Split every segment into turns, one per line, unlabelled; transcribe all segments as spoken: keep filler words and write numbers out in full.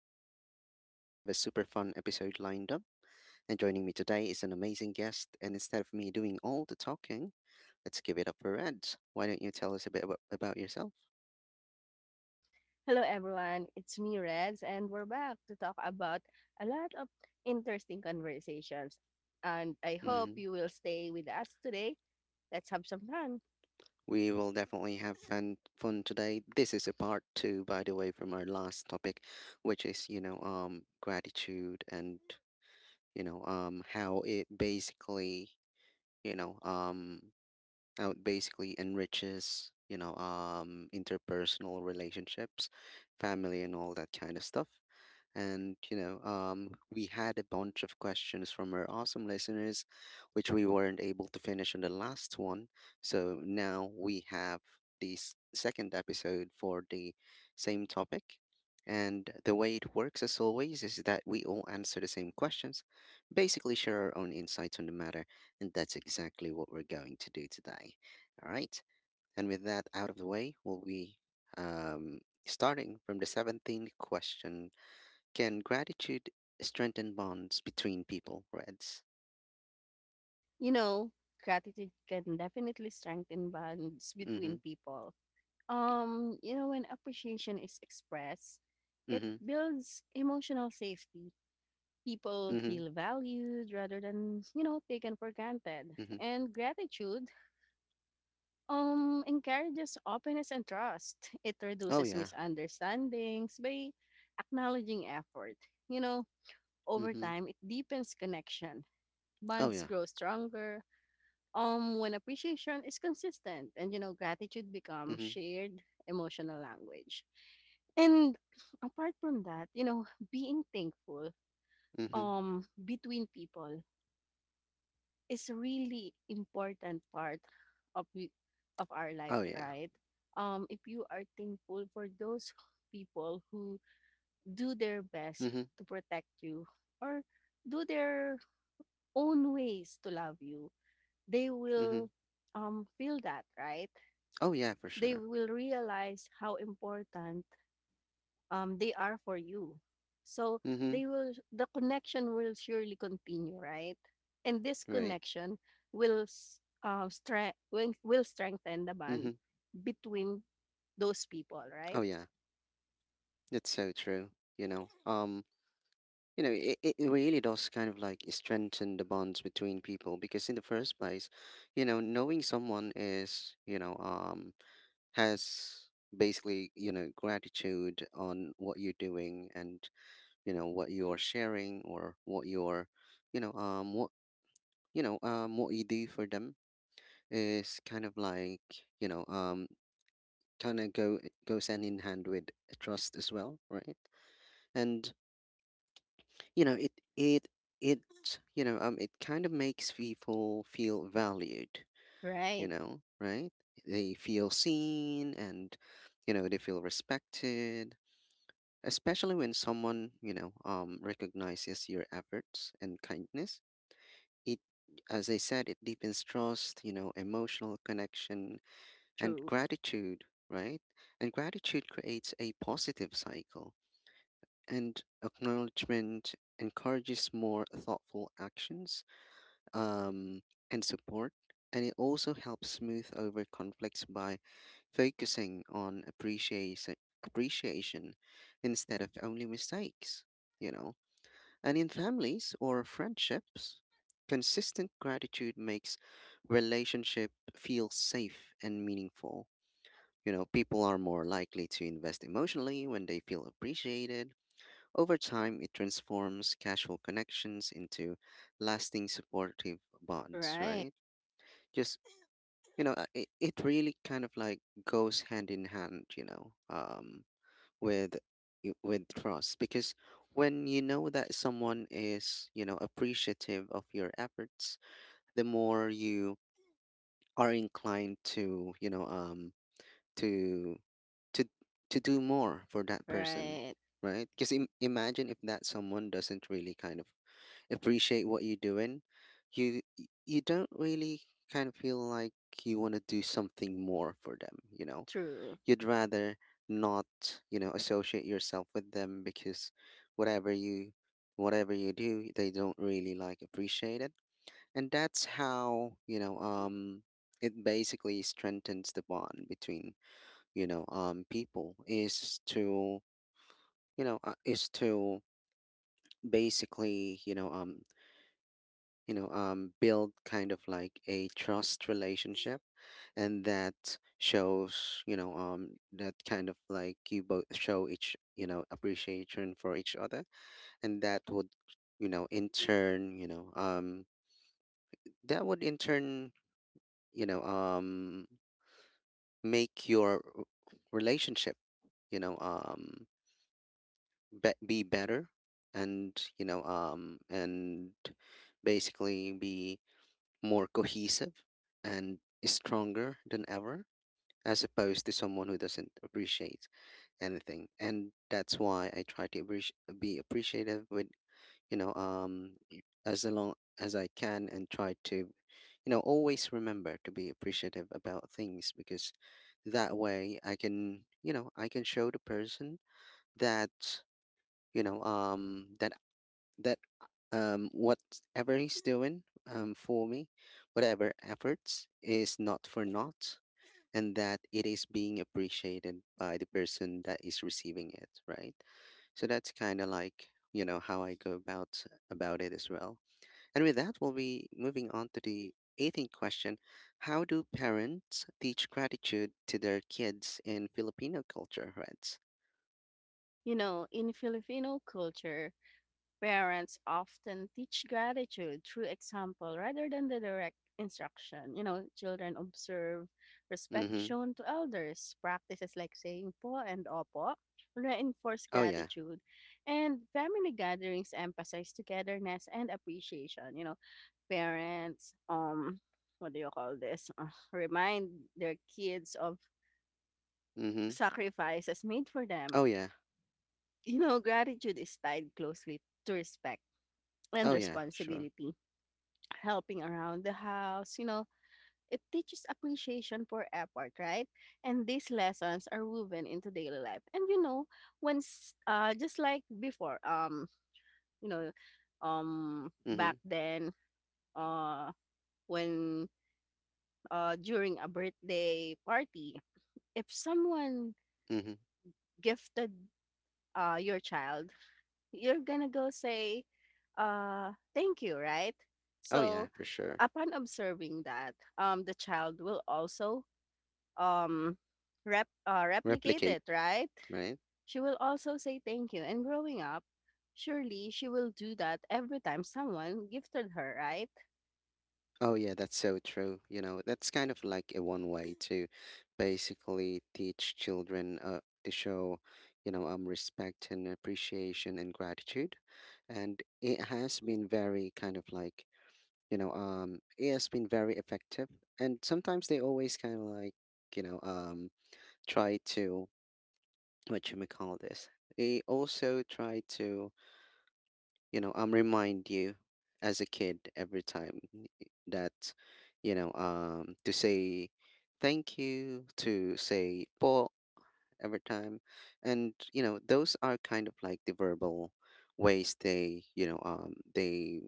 Ross, and today we have a super fun episode lined up. And joining me today is an amazing guest, and instead of me doing all the talking, let's give it up for Ed. Why don't you tell us a bit about, about yourself?
Hello everyone, it's me Reds and we're back to talk about a lot of interesting conversations. And I hope
Mhm.
you will stay with us today. Let's have some fun.
We will definitely have fun, fun today. This is a part two, by the way, from our last topic, which is, you know, um, gratitude and, you know, um, how it basically, you know, um, how it basically enriches you know um interpersonal relationships, family, and all that kind of stuff. And, you know, um, we had a bunch of questions from our awesome listeners, which we weren't able to finish on the last one. So now we have the s- second episode for the same topic. And the way it works, as always, is that we all answer the same questions, basically share our own insights on the matter. And that's exactly what we're going to do today. All right. And with that out of the way, we'll be um, starting from the seventeenth question: can gratitude strengthen bonds between people, Reds?
You know, gratitude can definitely strengthen bonds between
Mm-hmm.
people. Um, you know, when appreciation is expressed, it
Mm-hmm.
builds emotional safety. People
Mm-hmm.
feel valued rather than, you know, taken for granted.
Mm-hmm.
And gratitude Um, encourages openness and trust. It
Oh
reduces
yeah.
misunderstandings by acknowledging effort. You know, over
Mm-hmm.
time, it deepens connection.
Oh
Bonds
yeah.
grow stronger. Um, when appreciation is consistent, and you know, gratitude becomes
Mm-hmm.
shared emotional language. And apart from that, you know, being thankful
Mm-hmm.
um between people is really important part of we, of our life,
Oh yeah.
right um if you are thankful for those people who do their best
Mm-hmm.
to protect you or do their own ways to love you, they
Mm-hmm.
will um feel that, right?
Oh yeah, for
They
sure.
will realize how important um, they are for you. So
Mm-hmm.
they will, the connection will surely continue, right? And this
Right.
connection will s- uh, stre- will will strengthen the
Mm-hmm.
bond between those people,
Oh
right?
yeah. That's so true. You know. Um. You know, it, it it really does kind of like strengthen the bonds between people, because in the first place, you know, knowing someone is, you know, um, has basically, you know, gratitude on what you're doing, and you know what you're sharing, or what you're, you know um what you know um what you do for them, is kind of like, you know um kind of go it goes hand in hand with trust as well, right? And you know it it it, you know um it kind of makes people feel valued, you
Right.
know, right? They feel seen, and you know they feel respected, especially when someone, you know um recognizes your efforts and kindness. It, as I said, it deepens trust, you know, emotional connection, and
True.
gratitude, right? And gratitude creates a positive cycle, and acknowledgement encourages more thoughtful actions, um, and support. And it also helps smooth over conflicts by focusing on appreciation, appreciation instead of only mistakes, you know? And in families or friendships, consistent gratitude makes relationship feel safe and meaningful. You know, people are more likely to invest emotionally when they feel appreciated. Over time, it transforms casual connections into lasting supportive bonds,
Right.
right? Just, you know, uh, it, it really kind of like goes hand in hand, you know. Um, with y- with trust, because when you know that someone is, you know, appreciative of your efforts, the more you are inclined to, you know um to to to do more for that person,
Right.
right? Because Im- imagine if that someone doesn't really kind of appreciate what you're doing, you y- you don't really kind of feel like you want to do something more for them, you know.
True.
You'd rather not, you know, associate yourself with them, because whatever you, whatever you do, they don't really like appreciate it. And that's how, you know um it basically strengthens the bond between, you know um people, is to, you know uh, is to basically, you know um you know um build kind of like a trust relationship. And that shows, you know um that kind of like you both show each, you know, appreciation for each other. And that would, you know in turn you know um that would in turn, you know um make your r- relationship, you know um be, be better, and you know um and basically be more cohesive and stronger than ever, as opposed to someone who doesn't appreciate anything. And that's why I try to appreci- be appreciative with, you know um y- as long as I can, and try to, you know, always remember to be appreciative about things, because that way I can, you know, I can show the person that, you know um that that um, whatever he's doing, um, for me, whatever efforts is not for naught, and that it is being appreciated by the person that is receiving it, right? So that's kind of like, you know, how I go about about it as well. And with that, we'll be moving on to the eighteenth question: how do parents teach gratitude to their kids in Filipino culture? Right?
You know, in Filipino culture, parents often teach gratitude through example rather than the direct instruction. You know, children observe respect
Mm-hmm.
shown to elders, practices like saying po and opo reinforce
Oh yeah.
gratitude, and family gatherings emphasize togetherness and appreciation. You know, parents, um, what do you call this? Uh, remind their kids of
Mm-hmm.
sacrifices made for them.
Oh yeah.
You know, gratitude is tied closely to respect and
Oh yeah. Sure.
responsibility, helping around the house, you know, it teaches appreciation for effort, right? And these lessons are woven into daily life. And you know, once, uh just like before, um, you know, um
Mm-hmm.
back then, uh when uh during a birthday party, if someone
Mm-hmm.
gifted uh your child, you're gonna go say uh thank you, right?
Oh
So
yeah, for sure.
upon observing that, um, the child will also um rep uh, replicate
Replicate,
it, right?
right?
She will also say thank you. And growing up, surely she will do that every time someone gifted her, right?
Oh yeah, that's so true. You know, that's kind of like a one way to basically teach children, uh, to show, you know, um, respect and appreciation and gratitude. And it has been very kind of like, you know, um, it has been very effective. And sometimes they always kind of like, you know, um, try to what you may call this. They also try to, you know um remind you as a kid every time that, you know um to say thank you, to say po every time. And you know those are kind of like the verbal ways they, you know um they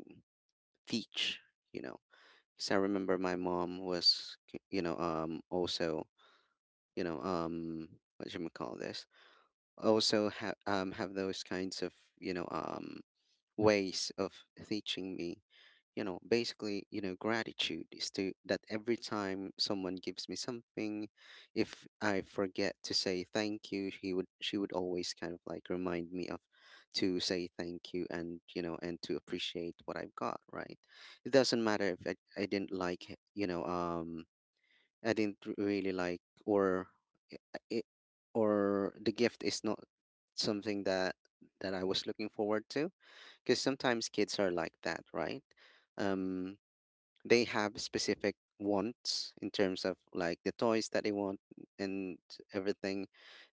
teach, you know. Because I remember my mom was k- you know, um also, you know um what should we call this, also ha- um have those kinds of, you know um ways of teaching me, you know, basically, you know, gratitude is to that every time someone gives me something, if I forget to say thank you, he would she would always kind of like remind me of to say thank you, and you know, and to appreciate what I've got, right? It doesn't matter if i, I didn't like it, you know um I didn't r- really like, or it, or the gift is not something that that I was looking forward to, because sometimes kids are like that, right? Um, they have specific wants in terms of like the toys that they want and everything.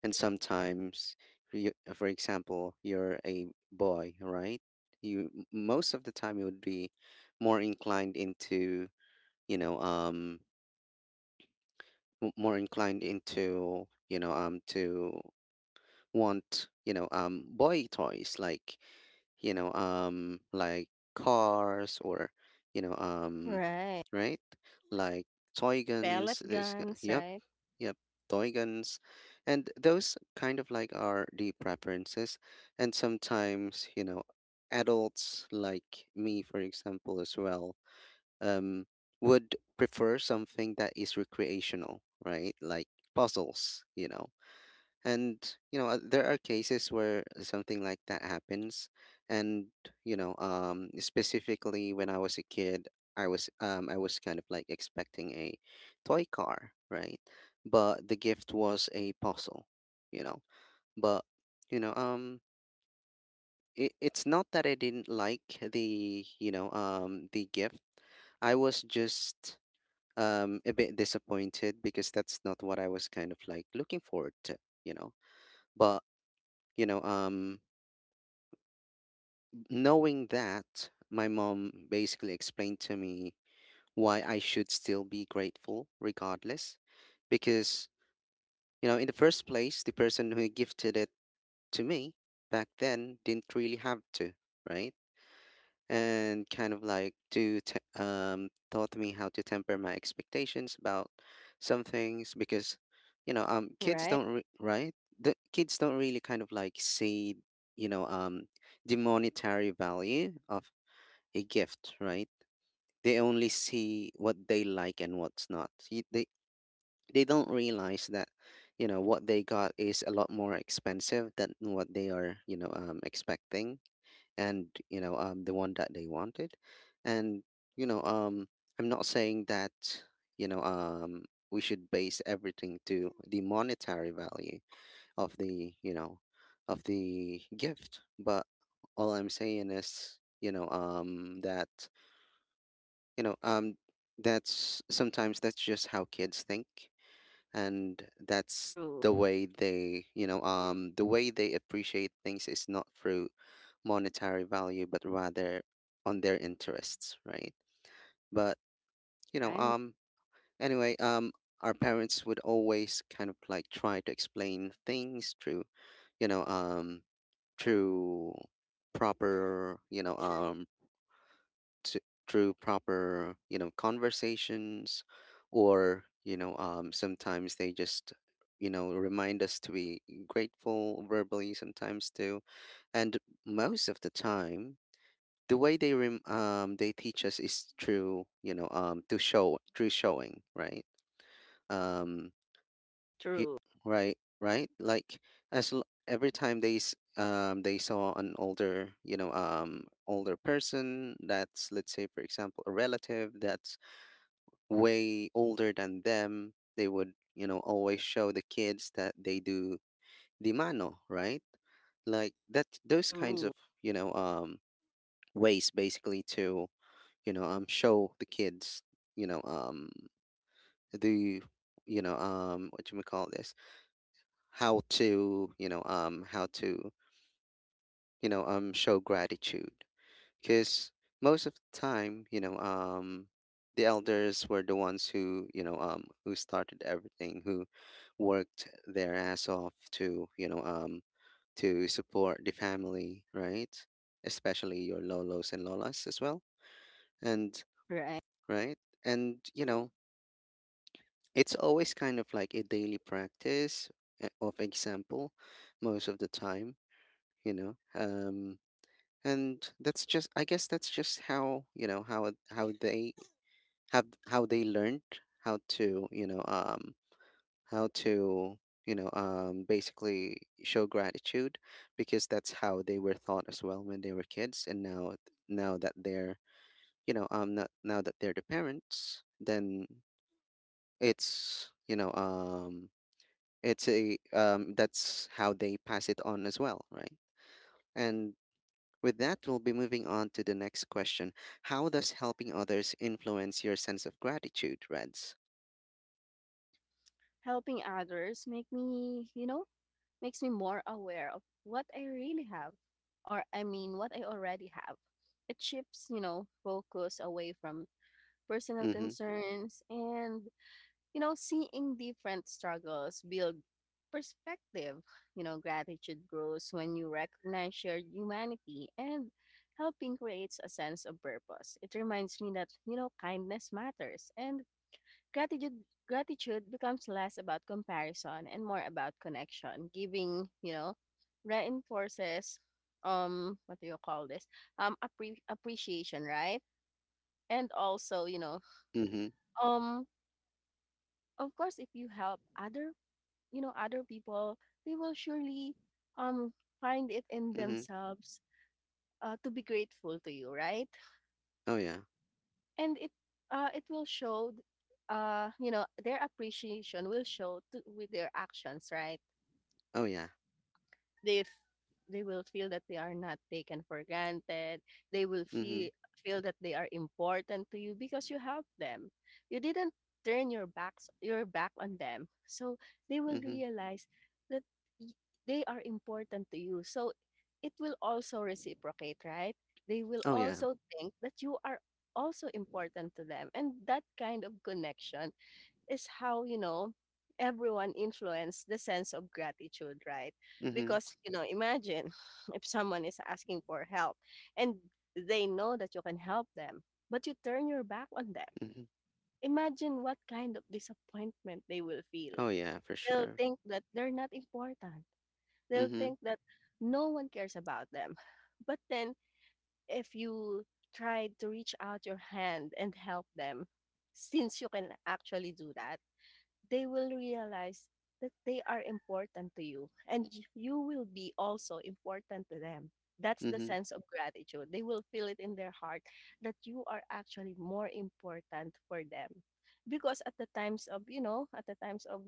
And sometimes, you, for example, you're a boy, right? You m- most of the time you would be more inclined into, you know um m- more inclined into, you know um to want, you know um boy toys like, you know, um, like cars, or, you know, um,
Right.
right? Like toy
Pellet
guns. This, g-
guns,
yep,
right?
yep, toy guns, and those kind of like are the preferences. And sometimes, you know, adults like me, for example, as well, um, would prefer something that is recreational, right? Like puzzles, you know. And you know uh, there are cases where something like that happens. And, you know um specifically when I was a kid, I was, um i was kind of like expecting a toy car, right? But the gift was a puzzle, you know. But, you know um it, it's not that I didn't like the, you know um the gift. I was just, um a bit disappointed, because that's not what I was kind of like looking forward to, you know. But, you know, um, knowing that, my mom basically explained to me why I should still be grateful regardless. Because, you know, in the first place, the person who gifted it to me back then didn't really have to, right? And kind of like to te- um taught me how to temper my expectations about some things, because, you know um kids
Right.
don't re- right, the kids don't really kind of like see, you know um the monetary value of a gift, right? They only see what they like and what's not. Y- they they don't realize that, you know, what they got is a lot more expensive than what they are, you know um expecting, and, you know um the one that they wanted. And, you know um I'm not saying that, you know um we should base everything to the monetary value of the, you know of the gift, but all I'm saying is, you know um that you know um that's sometimes, that's just how kids think. And that's
True,
the way they, you know um the way they appreciate things is not through monetary value, but rather on their interests, right? But, you know
right?
um anyway um our parents would always kind of like try to explain things through, you know um through proper, you know, Sure. um t- through proper, you know, conversations, or, you know, um, sometimes they just, you know, remind us to be grateful verbally sometimes too. And most of the time, the way they rem- um, they teach us is through, you know, um, to show through showing, right? Um, he,
True,
right, right. Like as l- every time they s- um they saw an older, you know, um older person that's, let's say, for example, a relative that's way older than them, they would, you know, always show the kids that they do di mano, right? Like that, those kinds
true,
of, you know, um ways, basically, to, you know, um show the kids, you know, um the you know, um what you may call this? how to you know um how to, you know um show gratitude, because most of the time, you know um the elders were the ones who, you know um who started everything, who worked their ass off to, you know um to support the family, right, especially your lolos and lolas as well. And
right?
right. And, you know, it's always kind of like a daily practice, uh, of example, most of the time, you know um. And that's just, I guess, that's just how, you know, how it- how they have how they learned how to, you know um how to you know um basically show gratitude, because that's how they were taught as well when they were kids. And now now that they're, you know um not, now that they're the parents, then it's, you know um it's a um that's how they pass it on as well, right. And with that, we'll be moving on to the next question. How does helping others influence your sense of gratitude, Reds?
Helping others make me, you know, makes me more aware of what I really have, or I mean, what I already have. It shifts, you know, focus away from personal
Mm-hmm.
concerns, and you know, seeing different struggles build perspective. You know, gratitude grows when you recognize shared humanity, and helping creates a sense of purpose. It reminds me that, you know, kindness matters, and gratitude gratitude becomes less about comparison and more about connection. Giving, you know, reinforces, um what do you call this, Um appre- appreciation, right? And also, you know,
Mm-hmm.
um of course, if you help other you know other people, they will surely um find it in
Mm-hmm.
themselves, uh, to be grateful to you, right.
Oh yeah.
And it uh, it will show, uh you know their appreciation will show to, with their actions, right.
Oh yeah.
They f- they will feel that they are not taken for granted. They will
Mm-hmm.
feel feel that they are important to you because you helped them. You didn't turn your backs your back on them. So they will
Mm-hmm.
realize that y- they are important to you, so it will also reciprocate, right. They will
Oh yeah.
also think that you are also important to them, and that kind of connection is how, you know, everyone influenced the sense of gratitude, right?
Mm-hmm.
Because, you know, imagine if someone is asking for help and they know that you can help them, but you turn your back on them.
Mm-hmm.
Imagine what kind of disappointment they will feel.
Oh yeah, for
They'll
sure.
think that they're not important. They'll
Mm-hmm.
think that no one cares about them. But then, if you try to reach out your hand and help them, since you can actually do that, they will realize that they are important to you, and y- you will be also important to them. That's the
Mm-hmm.
sense of gratitude. They will feel it in their heart that you are actually more important for them. Because at the times of, you know, at the times of,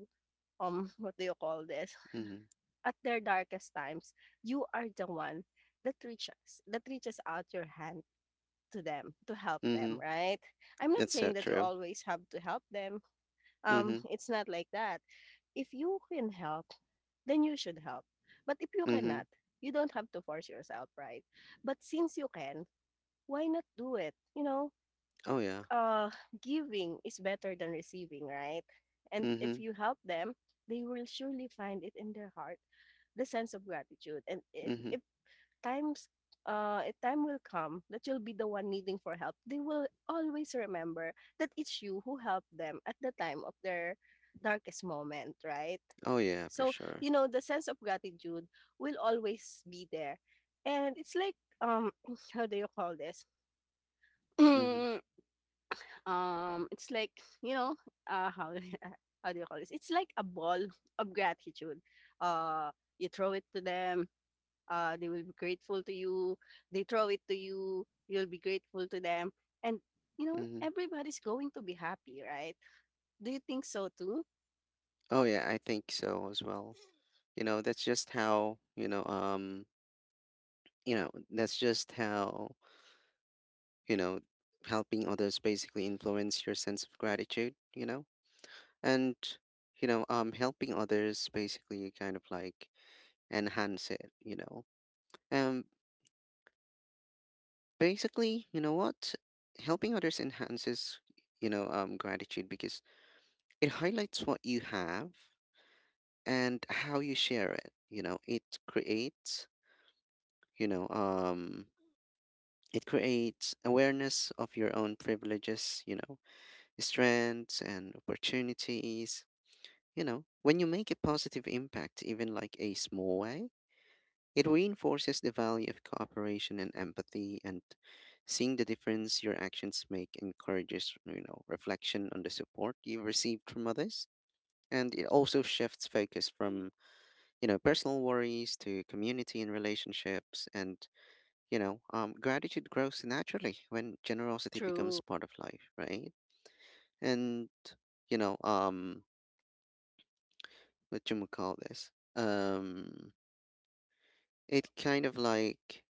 um, what do you call this?
Mm-hmm.
At their darkest times, you are the one that reaches, that reaches out your hand to them to help them,
Mm-hmm.
right? I'm not
That's so
saying that you
true.
always have to help them. Um,
Mhm,
it's not like that. If you can help, then you should help. But if you
mhm.
cannot, you don't have to force yourself, right? But since you can, why not do it? You know,
Oh, yeah.
uh, giving is better than receiving, right? And if
Mhm,
you help them, they will surely find it in their heart the sense of gratitude. And if,
mhm.
if times uh, a time will come that you'll be the one needing for help. They will always remember that it's you who helped them at the time of their darkest moment, right?
Oh, yeah, for
So,
sure.
you know, the sense of gratitude will always be there. And it's like, um, how do you call this?
Mhm,
um, it's like, you know, uh, how, how do you call this? It's like a ball of gratitude. Uh, you throw it to them, uh, they will be grateful to you. They throw it to you, you'll be grateful to them. And, you know,
mhm.
everybody's going to be happy, right? Do you think so too?
Oh, yeah, I think so as well. You know, that's just how, you know, um, you know, that's just how, you know, helping others basically influence your sense of gratitude, you know? And, you know, um, helping others basically kind of like enhance it, you know? Um, Basically, you know what? Helping others enhances, you know, um, gratitude, because it highlights what you have and how you share it. You know, it creates, you know um it creates awareness of your own privileges, you know, strengths and opportunities. You know, when you make a positive impact, even like a small way, it reinforces the value of cooperation and empathy. And seeing the difference your actions make encourages, you know reflection on the support you've received from others. And it also shifts focus from, you know, personal worries, to community and relationships. And, you know, um, gratitude grows naturally when generosity
True,
becomes part of life, right? And, you know, um, what you would call this? Um, it kind of like,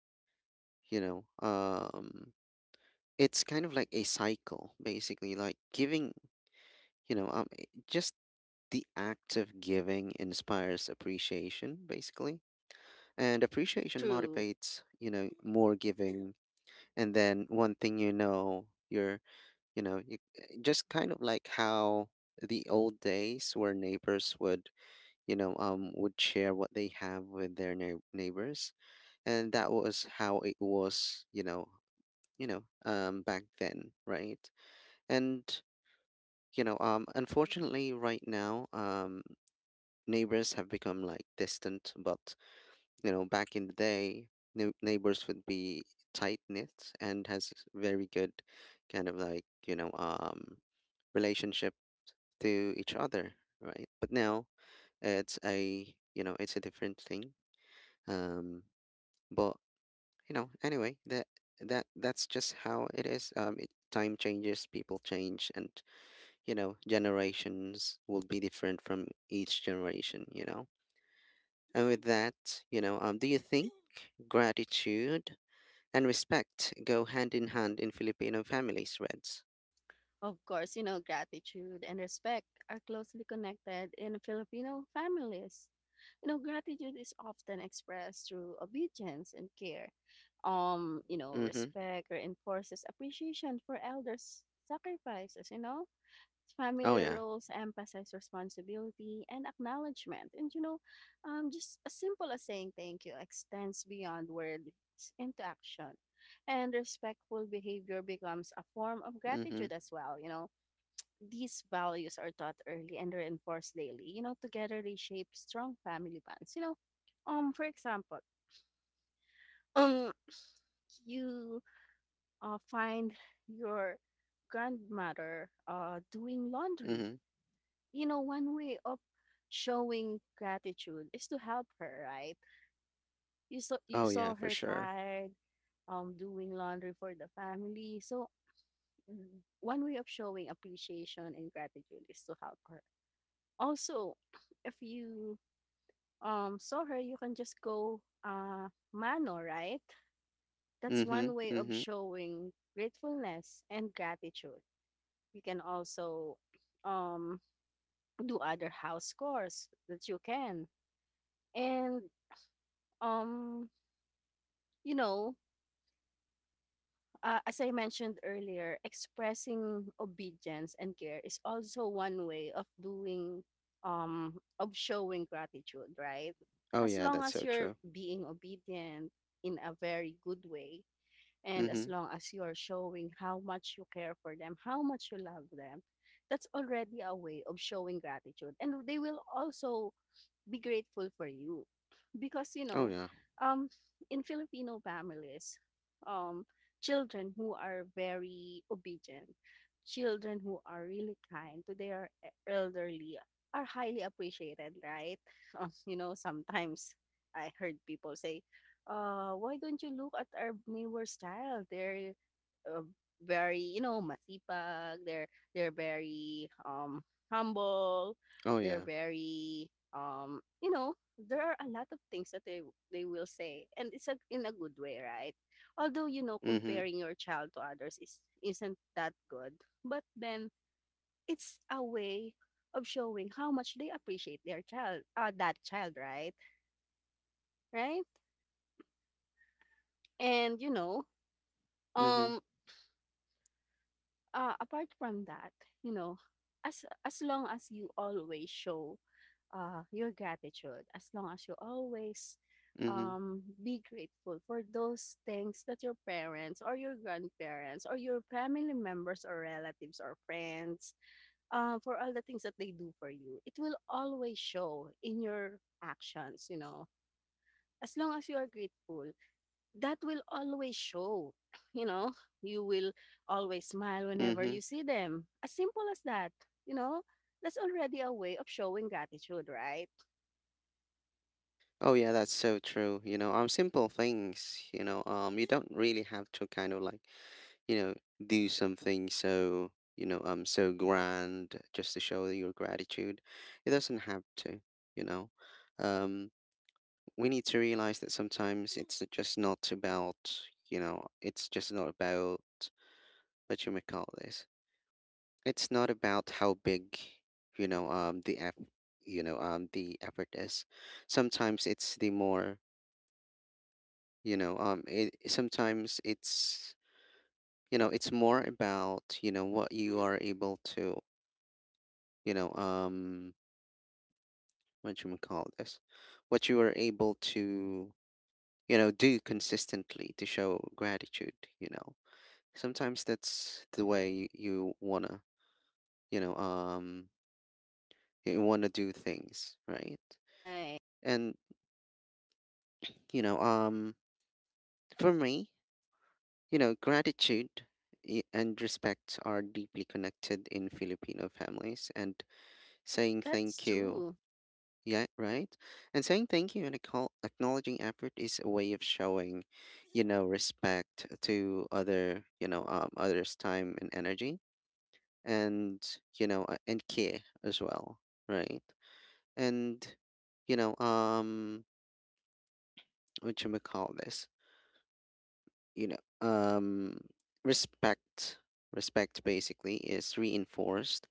you know, um, it's kind of like a cycle, basically. Like, giving, you know, um, i- just the act of giving inspires appreciation, basically. And appreciation
true.
motivates, you know, more giving. And then, one thing, you know you're you know you, eh, just kind of like how the old days where neighbors would, you know um would share what they have with their neigh- neighbors. And that was how it was, you know, you know um back then, right. And, you know um unfortunately right now, um neighbors have become like distant. But, you know, back in the day, neigh neighbors would be tight-knit and has very good kind of like, you know, um, relationship to each other, right? But now, it's a, you know, it's a different thing. Um, but, you know, anyway, that that that's just how it is. Um, it, time changes, people change, and, you know, generations will be different from each generation. You know. And with that, you know, um, do you think gratitude and respect go hand in hand in Filipino families, Reds?
Of course, you know, gratitude and respect are closely connected in Filipino families. You know, gratitude is often expressed through obedience and care. Um, you know,
Mm-hmm.
respect reinforces appreciation for elders' sacrifices, you know,
Oh
family
yeah.
roles emphasize responsibility and acknowledgement. And you know, um, just as simple as saying thank you extends beyond words into action. And respectful behavior becomes a form of
Mm-hmm.
gratitude as well. You know, these values are taught early and reinforced daily. You know, together they shape strong family bonds. You know, um, for example, um, you uh, find your grandmother uh, doing laundry.
Mm-hmm.
You know, one way of showing gratitude is to help her, right? You saw you
Oh yeah,
saw
for
her
sure.
tired, um, doing laundry for the family. So mm, one way of showing appreciation and gratitude is to help her. Also, if you um saw her, you can just go uh mano, right? That's
Mm-hmm.
one way of
Mm-hmm.
showing gratefulness and gratitude. You can also um do other house chores that you can. And Um, you know, uh, as I mentioned earlier, expressing obedience and care is also one way of doing um of showing gratitude, right?
Oh
As
yeah,
long
that's
as
so
you're
true.
being obedient in a very good way, and as
Mm-hmm.
long as you're showing how much you care for them, how much you love them, that's already a way of showing gratitude. And they will also be grateful for you, because you
Oh
know
yeah.
um in Filipino families, um children who are very obedient, children who are really kind to their e-, elderly are highly appreciated, right. Uh, you know sometimes i heard people say, uh why don't you look at our neighbor's child. They're uh, very, you know masipag. They're they're very um humble.
Oh
They're
yeah.
very um you know There are a lot of things that they they will say, and it's a, in a good way, right. Although you know
Mm-hmm.
comparing your child to others is isn't that good. But then it's a way of showing how much they appreciate their child, uh, that child, right. Right. and you know
Mm-hmm.
um uh, apart from that, you know as as long as you always show uh, your gratitude, as long as you always
Mm-hmm.
um, be grateful for those things that your parents or your grandparents or your family members or relatives or friends, uh, for all the things that they do for you, it will always show in your actions you know as long as you are grateful, that will always show. you know you will always smile whenever
Mm-hmm.
you see them, as simple as that. you know that's already a way of showing gratitude, right.
Oh yeah, that's so true. You know, um, simple things. You know, um, you don't really have to kind of like, you know, do something so, you know, um, so grand, just to show your gratitude. It doesn't have to. You know, um, we need to realize that sometimes it's just not about. You know, it's just not about what you may call this. It's not about how big, you know, um, the eff, you know, um, the effort is. Sometimes it's the more you know um it, sometimes it's, you know it's more about, you know what you are able to, you know um what you would call this, what you are able to, you know do consistently to show gratitude, you know. Sometimes that's the way, y- you wanna you know um you wanna do things, right.
Right.
And, you know um for me, you know, gratitude, i- and respect are deeply connected in Filipino families, and saying
That's
thank you.
true.
Yeah, right? And saying thank you and acco- acknowledging effort is a way of showing, you know, respect to other, you know, um, others' time and energy, and, you know, uh, and care as well, right? And, you know, um, what you may call this, you know, um, respect, respect basically is reinforced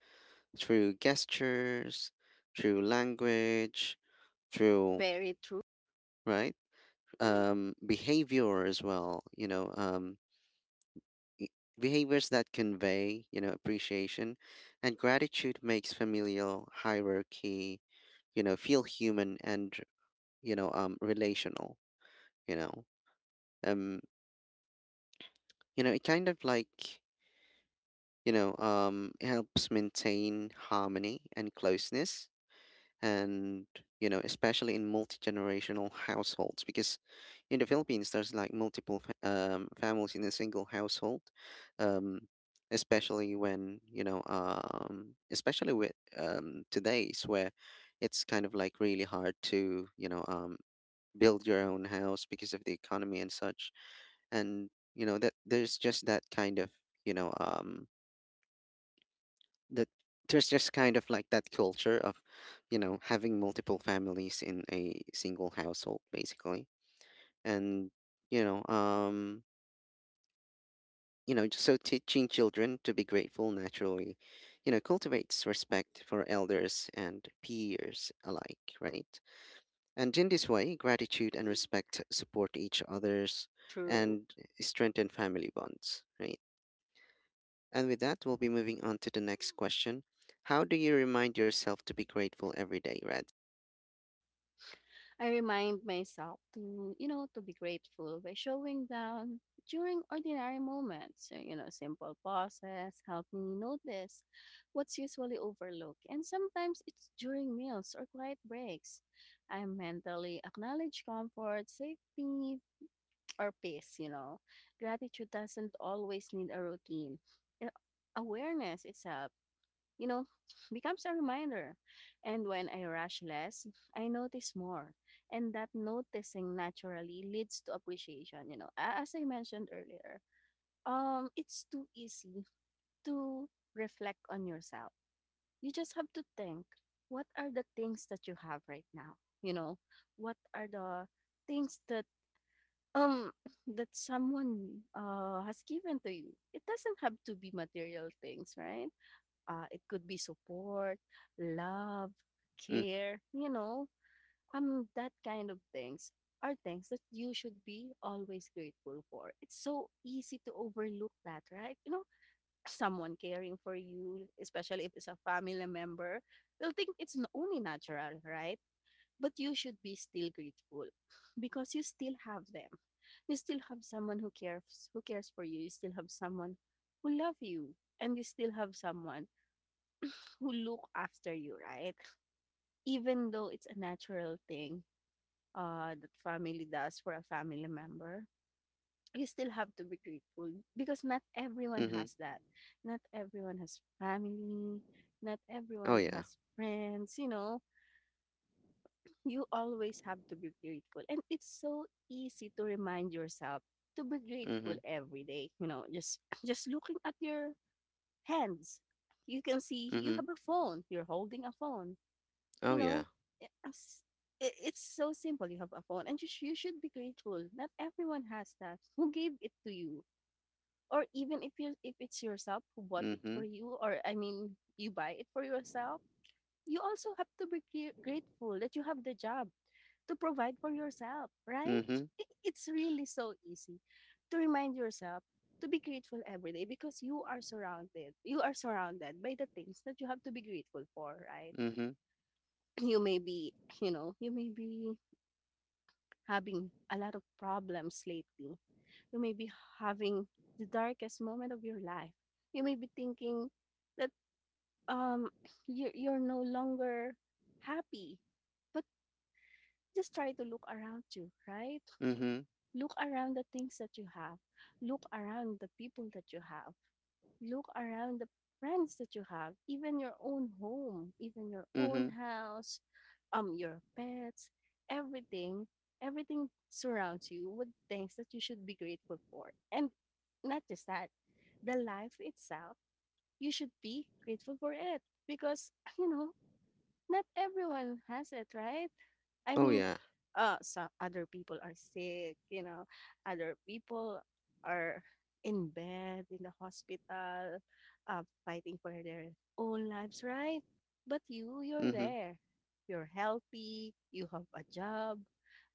through gestures, through language, through,
Very true.
right? Um, behavior as well, you know, um, i- behaviors that convey, you know, appreciation and gratitude makes familial hierarchy, you know, feel human and, you know, um, relational, you know, um, you know, it kind of like, you know, um, helps maintain harmony and closeness, and, you know, especially in multi-generational households, because in the Philippines there's like multiple fa- um, families in a single household. Um, especially when you know um, especially with, um, today's where it's kind of like really hard to, you know um, build your own house because of the economy and such. And, you know, that there's just that kind of, you know um, that there's just kind of like that culture of, you know, having multiple families in a single household, basically. And, you know, um, you know, so teaching children to be grateful naturally, you know, cultivates respect for elders and peers alike, right? And in this way, gratitude and respect support each other's
True.
and strengthen family bonds, right? And with that, we'll be moving on to the next question. How do you remind yourself to be grateful every day, Red?
I remind myself to, you know, to be grateful by showing down during ordinary moments. So, you know, simple pauses help me notice what's usually overlooked. And sometimes it's during meals or quiet breaks. I mentally acknowledge comfort, safety, or peace, you know. Gratitude doesn't always need a routine. A- Awareness itself you know, becomes a reminder. And when I rush less, I notice more. And that noticing naturally leads to appreciation, you know. A- As I mentioned earlier, um it's too easy to reflect on yourself. You just have to think, what are the things that you have right now? You know, what are the things that um that someone uh has given to you? It doesn't have to be material things, right? Uh, it could be support, love,
Mm.
care, you know, um, that kind of things are things that you should be always grateful for. It's so easy to overlook that, right? You know, someone caring for you, especially if it's a family member, they'll think it's n- only natural, right? But you should be still grateful because you still have them. You still have someone who cares who cares for you. You still have someone who love you and you still have someone who look after you, right? Even though it's a natural thing uh, that family does for a family member, you still have to be grateful because not everyone
Mm-hmm.
has that. Not everyone has family. Not
Oh
everyone
yeah.
has friends, you know. You always have to be grateful. And it's so easy to remind yourself to be grateful
Mm-hmm.
every day, you know, just just looking at your hands. You can see you
Mm-hmm.
have a phone. You're holding a phone you
Oh
know,
yeah.
i- as- i- it's so simple. You have a phone, and you, sh- you should be grateful. Not everyone has that. Who gave it to you? Or even if you if it's yourself who bought it
Mm-hmm.
for you, or I mean, you buy it for yourself, you also have to be gr- grateful that you have the job to provide for yourself, right?
Mm-hmm.
I- It's really so easy to remind yourself to be grateful every day because you are surrounded you are surrounded by the things that you have to be grateful for, right?
Mm-hmm.
You may be, you know, you may be having a lot of problems lately. You may be having the darkest moment of your life. You may be thinking that um you're, you're no longer happy. But just try to look around you, right?
Mm-hmm.
Look around the things that you have. Look around the people that you have. Look around the friends that you have, even your own home, even your own
Mm-hmm.
house, um, your pets, everything, everything surrounds you with things that you should be grateful for. And not just that, the life itself, you should be grateful for it because you know not everyone has it, right? I
Oh
mean,
yeah.
uh, so other people are sick, you know, other people are in bed, in the hospital, uh, fighting for their own lives, right? But you, you're
Mm-hmm.
there. You're healthy, you have a job.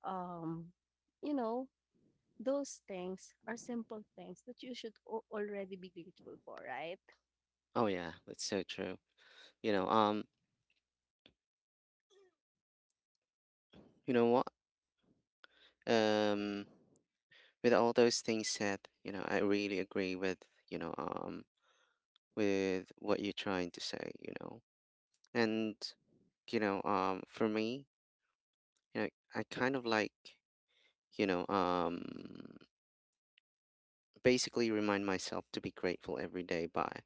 Um, you know, those things are simple things that you should o- already be grateful for, right?
Oh yeah. That's so true. You know, um, you know what? Um with all those things said, you know, I really agree with, you know, um with what you're trying to say, you know. And, you know, um for me, you know, I kind of like, you know um basically remind myself to be grateful every day by,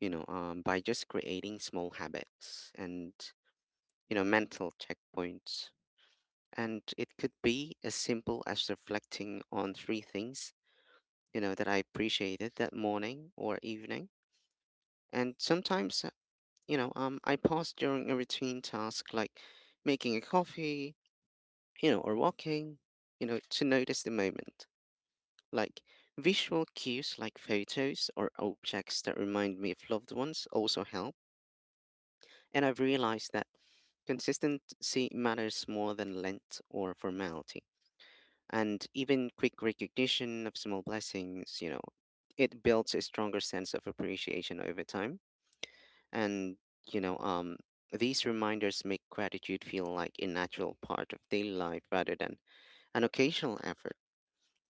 you know um by just creating small habits and, you know, mental checkpoints, and it could be as simple as reflecting on three things, you know, that I appreciated that morning or evening. And sometimes, uh, you know um I pause during a routine task like making a coffee, you know, or walking, you know, to notice the moment. Like visual cues like photos or objects that remind me of loved ones also help. And I've realized that consistency matters more than length or formality. And even quick recognition of small blessings, you know, it builds a stronger sense of appreciation over time. And, you know, um, these reminders make gratitude feel like a natural part of daily life rather than an occasional effort.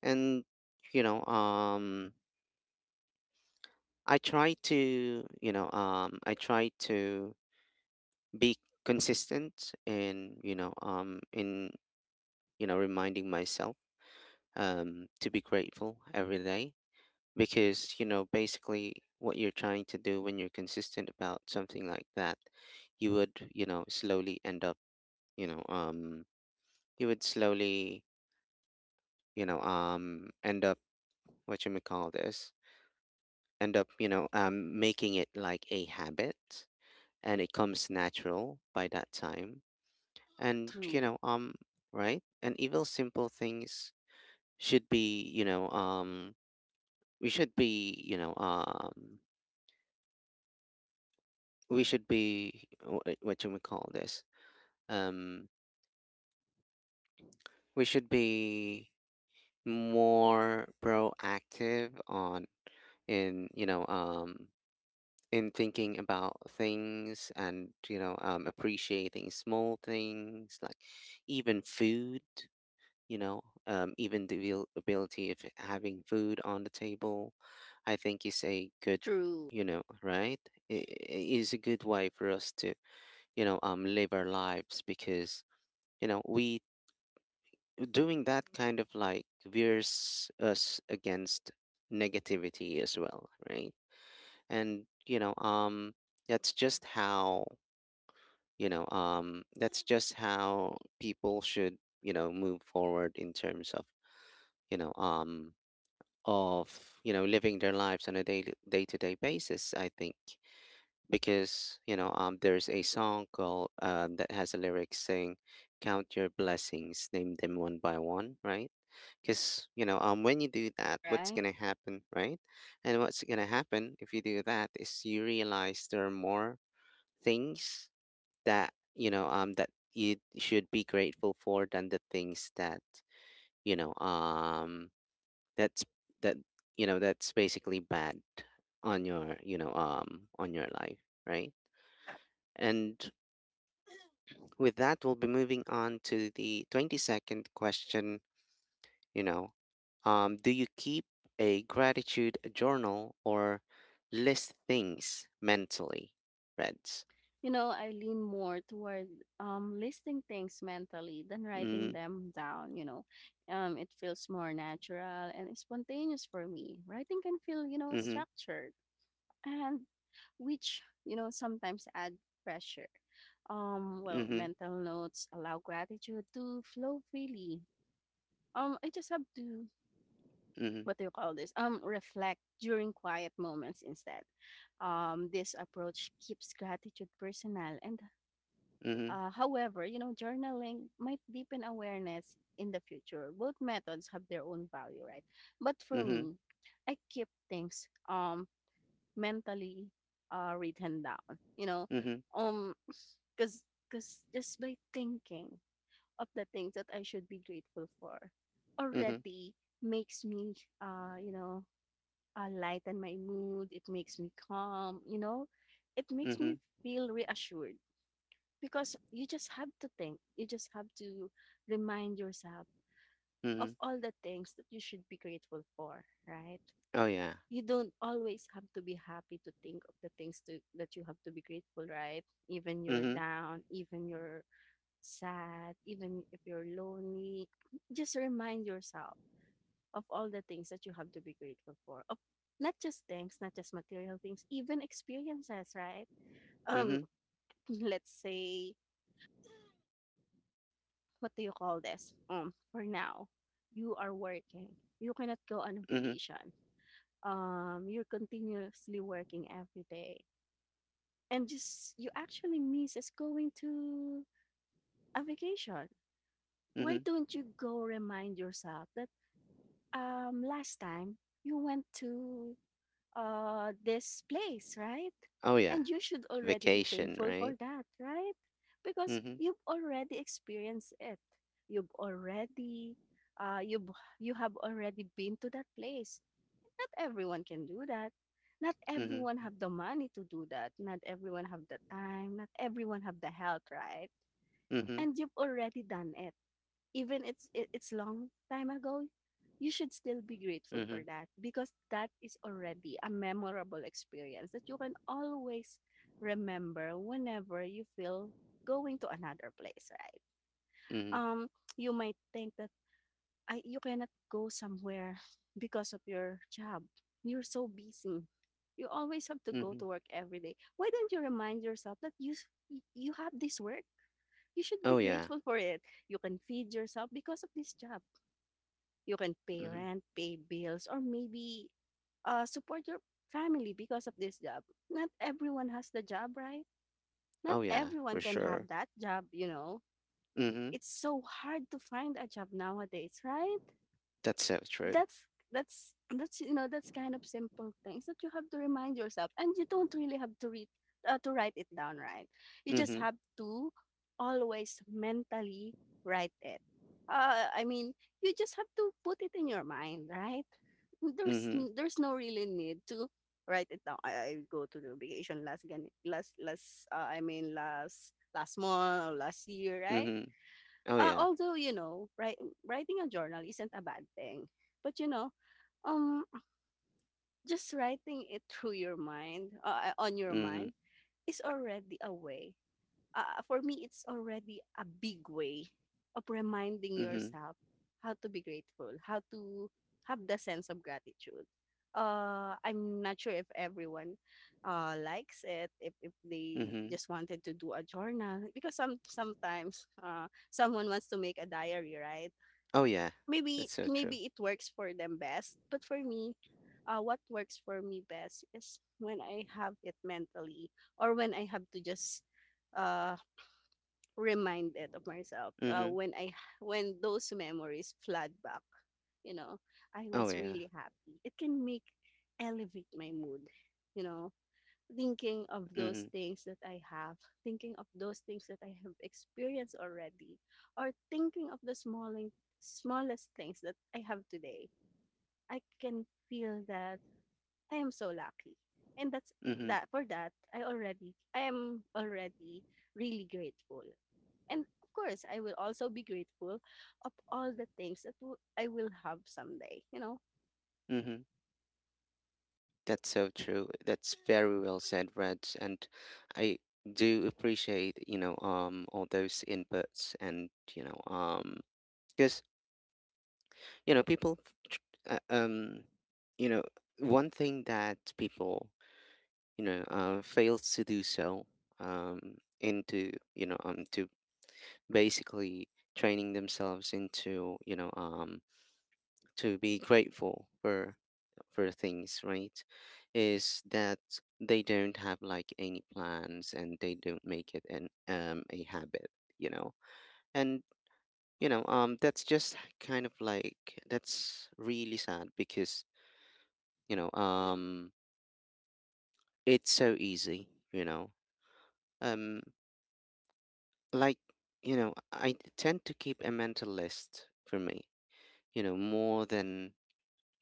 And, you know, um, I try to, you know, um, I try to be consistent in, you know, um, in, you know, reminding myself, um, to be grateful every day, because, you know, basically what you're trying to do when you're consistent about something like that, you would, you know, slowly end up, you know, um, you would slowly, you know, um, end up, what you may call this, end up, you know, um, making it like a habit, and it comes natural by that time. And, you
True,
know, um, right? And evil simple things should be, you know, um, we should be, you know, um, we should be wh- what do we call this? Um, we should be more proactive, on in, you know um in, thinking about things, and, you know um appreciating small things, like even food, you know, um, even the abil- ability of having food on the table. I think is a good,
true.
you know, right? i- i- Is a good way for us to, you know, um, live our lives, because, you know, we doing that kind of like veers us against negativity as well, right? And, you know, um, that's just how you know, um, that's just how people should, you know, move forward in terms of, you know, um, of you know living their lives on a day day to day basis, I think. Because, you know um there's a song called, uh, that has a lyric saying, "Count your blessings, name them one by one," right? Because, you know um when you do that, what's
Right?
gonna happen, right? And what's gonna happen if you do that is you realize there are more things that you know um that you should be grateful for than the things that you know um that's that you know that's basically bad on your you know um on your life, right? And with that, we'll be moving on to the twenty-second question. You know, um, do you keep a gratitude journal or list things mentally, Reds?
You know, I lean more toward um, listing things mentally than
Mm,
writing them down. You know, um, it feels more natural and spontaneous for me. Writing can feel, you know,
mm-hmm,
structured, and which, you know, sometimes add pressure. Um, well,
mm-hmm,
mental notes allow gratitude to flow freely. Um, I just have to,
mm-hmm,
what do you call this? Um, reflect during quiet moments instead. Um, this approach keeps gratitude personal and
mm-hmm,
uh, however, you know, journaling might deepen awareness in the future. Both methods have their own value, right? But for
mm-hmm,
me, I keep things um mentally uh written down, you know,
mm-hmm,
um, cause cause just by thinking of the things that I should be grateful for,
mm-hmm,
already makes me uh you know uh, lighten my mood. It makes me calm, you know, it makes
mm-hmm,
me feel reassured because you just have to think you just have to remind yourself of
mm-hmm.
all the things that you should be grateful for, right?
Oh yeah.
You don't always have to be happy to think of the things to, that you have to be grateful, right? Even you're
Mm-hmm,
down, even you're sad, even if you're lonely, just remind yourself of all the things that you have to be grateful for, of not just things, not just material things, even experiences, right? um
mm-hmm,
let's say, what do you call this? Um, for now, you are working. You cannot go on
mm-hmm,
vacation. Um, you're continuously working every day, and just you actually miss is going to a vacation. Why
mm-hmm.
don't you go remind yourself that um last time you went to uh, this place, right?
Oh yeah.
And you should already be
Vacation,
thankful for
right?
that, right? Because
Mhm,
you've already experienced it. You've already, uh, you you have already been to that place. Not everyone can do that. Not
mhm,
everyone have the money to do that. Not everyone have the time. Not everyone have the health, right?
mhm,
And you've already done it, even it's it, it's long time ago, you should still be grateful
mhm,
for that because that is already a memorable experience that you can always remember whenever you feel going to another place, right?
mhm,
um you might think that I, you cannot go somewhere because of your job, you're so busy, you always have to go
mhm.
to work every day. Why don't you remind yourself that you you have this work, you should be
Oh yeah.
grateful for it? You can feed yourself because of this job, you can pay
Mhm.
rent, pay bills, or maybe uh, support your family because of this job. Not everyone has the job, right? Not
Oh yeah,
everyone
for
can have
sure.
that job, you know.
Mhm.
It's so hard to find a job nowadays, right?
That's so true.
that's that's that's you know, that's kind of simple things that you have to remind yourself, and you don't really have to read uh, to write it down, right? You just
Mhm,
have to always mentally write it, uh, i mean you just have to put it in your mind, right? there's
mhm,
n- there's no really need to write it down. i, I go to the vacation last gan- last last uh, I mean last last month or last year, right?
mhm. Oh
Uh,
yeah.
although you know, write, writing a journal isn't a bad thing, but you know um, just writing it through your mind, uh, on your
Mhm,
mind, is already a way. Uh, for me, it's already a big way of reminding
mhm,
yourself how to be grateful, how to have the sense of gratitude. Uh, I'm not sure if everyone uh, likes it, if, if they
mhm.
just wanted to do a journal, because some sometimes uh, someone wants to make a diary, right?
Oh yeah.
Maybe
That's so true.
maybe it works for them best, but for me, uh, what works for me best is when I have it mentally, or when I have to just uh remind it of myself. Uh,
Mhm.
when I when those memories flood back, you know, I
Oh
was
yeah.
really happy. It can make elevate my mood, you know, thinking of those
Mhm,
things that I have, thinking of those things that I have experienced already, or thinking of the smalling, smallest things that I have today, I can feel that I am so lucky. And that's
mhm,
that for that I already I am already really grateful. And of course, I will also be grateful of all the things that w- I will have someday, you know.
mhm. That's so true. That's very well said, Red. And I do appreciate, you know, um, all those inputs, and, you know, um, because you know people tr- uh, um you know one thing that people you know uh, fails to do so, um into you know um to basically training themselves into you know um to be grateful for for things, right, is that they don't have like any plans and they don't make it an um a habit, you know and you know um that's just kind of like, that's really sad because you know um it's so easy, you know um like you know I tend to keep a mental list for me, you know more than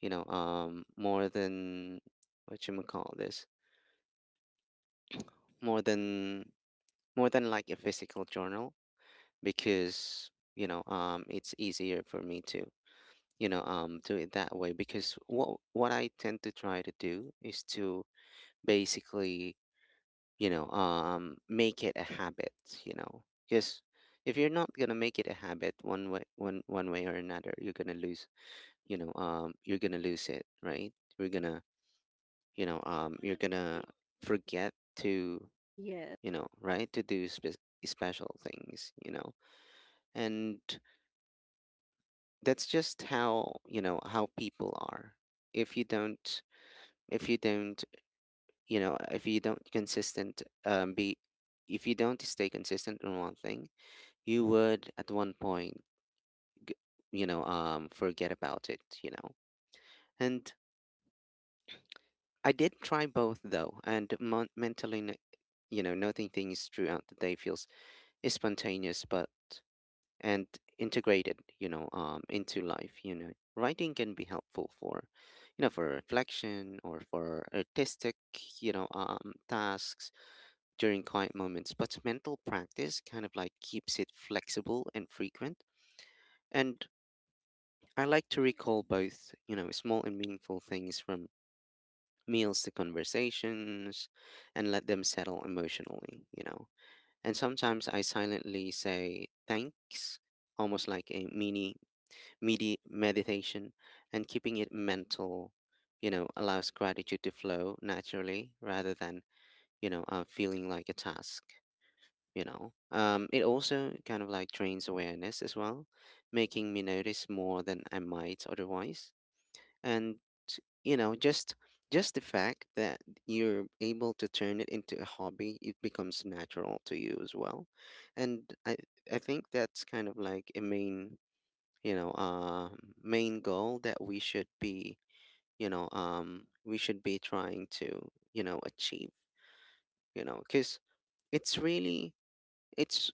you know um more than, what you call this, more than more than like a physical journal, because you know um it's easier for me to you know um do it that way, because what what I tend to try to do is to basically you know um make it a habit, you know because if you're not gonna make it a habit, one way one one way or another, you're gonna lose, you know um you're gonna lose it, right? You're gonna you know um you're gonna forget to
Yes.
you know right to do spe- special things, you know and that's just how you know how people are. if you don't if you don't you know if you don't consistent um be if you don't stay consistent in one thing, you would at one point g- you know um forget about it, you know and I did try both, though. And mon- mentally n- you know noting things throughout the day feels, is spontaneous, but and integrated you know um into life. You know writing can be helpful for you know for reflection or for artistic you know um tasks during quiet moments, but mental practice kind of like keeps it flexible and frequent. And I like to recall both, you know, small and meaningful things, from meals to conversations, and let them settle emotionally, you know. And sometimes I silently say thanks, almost like a mini medi- meditation, and keeping it mental, you know, allows gratitude to flow naturally rather than, you know, uh, feeling like a task. You know, um, it also kind of like trains awareness as well, making me notice more than I might otherwise. And you know just just the fact that you're able to turn it into a hobby, it becomes natural to you as well. And i I think that's kind of like a main, you know um main goal that we should be, you know um we should be trying to you know achieve, you know cuz it's really, it's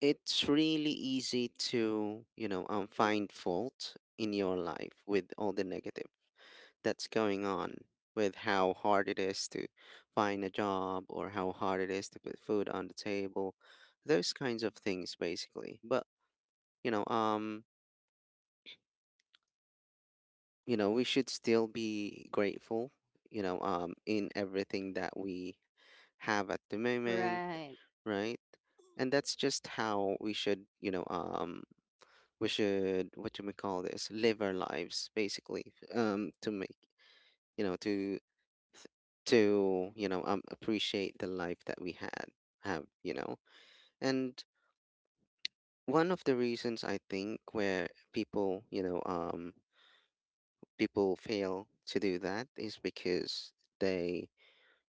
it's really easy to you know um find fault in your life with all the negative that's going on, with how hard it is to find a job, or how hard it is to put food on the table, those kinds of things, basically. But you know um you know we should still be grateful you know um in everything that we have at the moment,
Right.
right? And that's just how we should, you know um we should, what do we call this, live our lives, basically, um, to make you know to to you know um, appreciate the life that we had have, you know. And one of the reasons I think where people you know um people fail to do that is because they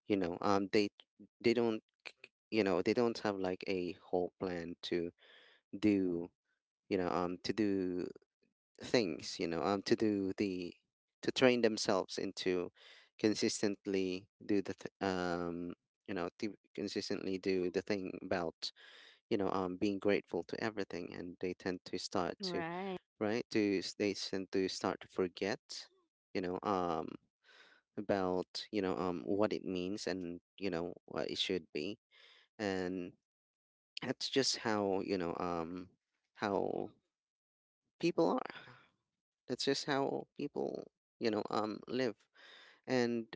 you know um they they don't, you know they don't have like a whole plan to do, you know um to do things, you know, um, to do the, to train themselves into consistently do the th- um, you know, to consistently do the thing about you know um being grateful to everything, and they tend to start to,
Right.
right, to s- they tend to start to forget, you know, um about you know um what it means, and you know what it should be, and that's just how you know um how people are. That's just how people, you know, um, live. And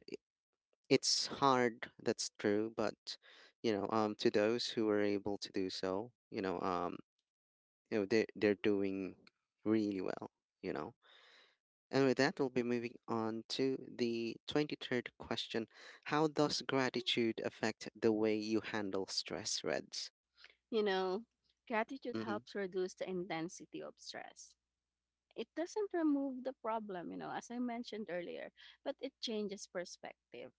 it's hard, that's true, but you know, um, to those who are able to do so, you know, um, you know, they they're doing really well, you know. And with that, we'll be moving on to the twenty-third question. How does gratitude affect the way you handle stress, Reds?
You know, gratitude
Mm-hmm.
helps reduce the intensity of stress. It doesn't remove the problem, you know, as I mentioned earlier, but it changes perspective.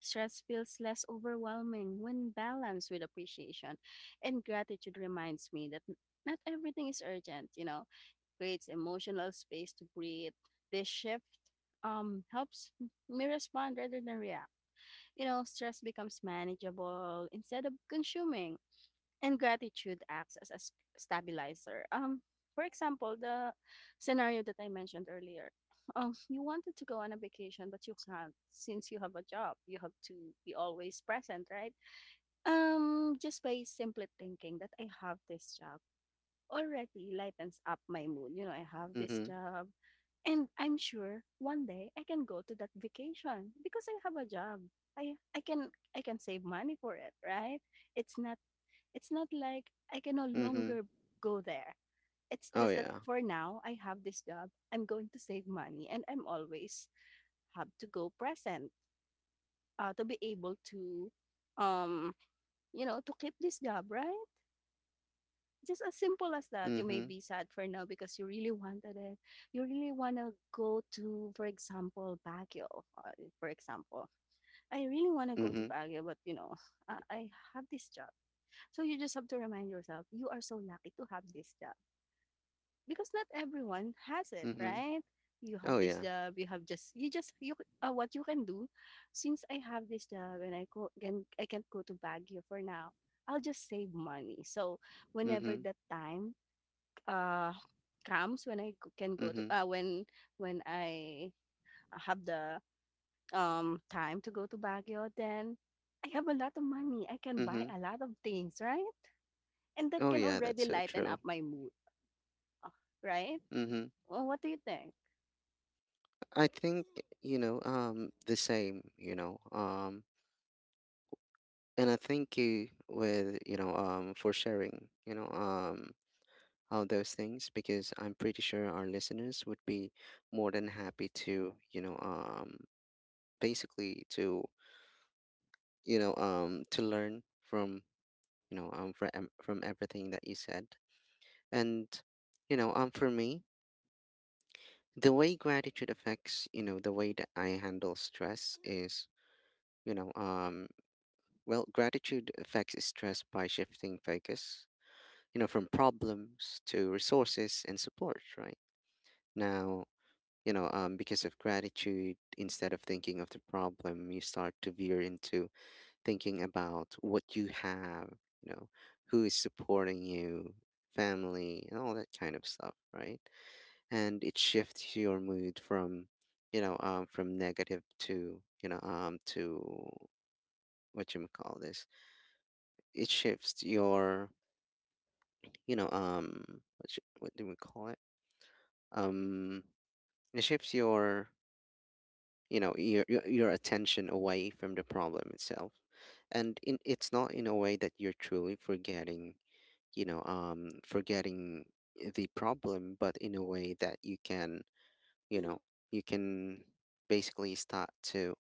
Stress feels less overwhelming when balanced with appreciation. And gratitude reminds me that n- not everything is urgent, you know, creates emotional space to breathe. This shift um, helps me respond rather than react. You know, stress becomes manageable instead of consuming, and gratitude acts as a s- stabilizer. Um, for example, the scenario that I mentioned earlier. Um, you wanted to go on a vacation, but you can't since you have a job. You have to be always present, right? Um, just by simply thinking that I have this job already lightens up my mood. You know, I have this
Mm-hmm.
job, and I'm sure one day I can go to that vacation because I have a job. I I can I can save money for it, right? It's not it's not like I can no
Mm-hmm.
longer go there. It's
Oh
just that
yeah.
for now, I have this job. I'm going to save money and I'm always have to go present, uh, to be able to, um, you know, to keep this job, right? Just as simple as that. You may
Mm-hmm.
be sad for now because you really wanted it. You really want to go to, for example, Baguio, uh, for example. I really want to go to
Mm-hmm.
Baguio, but you know, I, I have this job. So you just have to remind yourself, you are so lucky to have this job, because not everyone has it,
Mm-hmm.
right? You have
Oh
this
yeah.
job, you have just you just you uh, what you can do. Since I have this job and I go, can I can't go to Baguio for now, I'll just save money. So whenever
Mm-hmm.
that time uh comes when I g- can go to
Mm-hmm.
uh when when I have the um time to go to Baguio, then I have a lot of money. I can buy
Mm-hmm.
a lot of things, right? And that
Oh
can
yeah,
already
that's so
lighten
true.
up my mood, right?
Hmm.
Well, what do you think?
I think eh, you know um the same. You know um, and I thank you with, you know um for sharing, you know um all those things, because I'm pretty sure our listeners would be more than happy to you know um basically to you know um to learn from you know um from from everything that you said. And you know um for me, the way gratitude affects, you know the way that I handle stress is, You know, um, well, gratitude affects stress by shifting focus, you know, from problems to resources and support, right? Now, you know, um, because of gratitude, instead of thinking of the problem, you start to veer into thinking about what you have, you know, who is supporting you, family, and all that kind of stuff, right? And it shifts your mood from, you know, um, from negative to, you know, um, to, what you call this, it shifts your, you know um what sh- what do we call it, um, it shifts your, you know your your your attention away from the problem itself. And in, it's not in a way that you're truly forgetting, you know um forgetting the problem, but in a way that you can, you know you can basically start to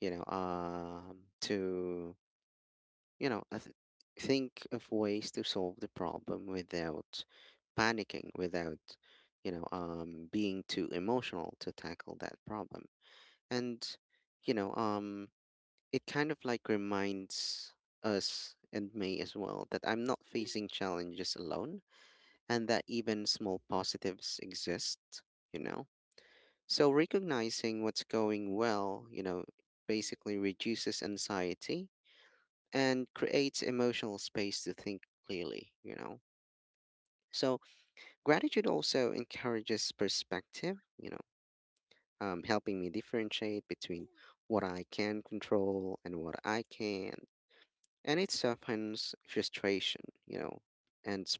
you know um to you know, I th- think of ways to solve the problem without panicking, without, you know, um, being too emotional to tackle that problem. And, you know, um, it kind of like reminds us, and me as well, that I'm not facing challenges alone, and that even small positives exist, you know. So recognizing what's going well, you know, basically reduces anxiety and creates emotional space to think clearly, you know. So gratitude also encourages perspective, you know, um, helping me differentiate between what I can control and what I can't. And it softens frustration, you know, and s-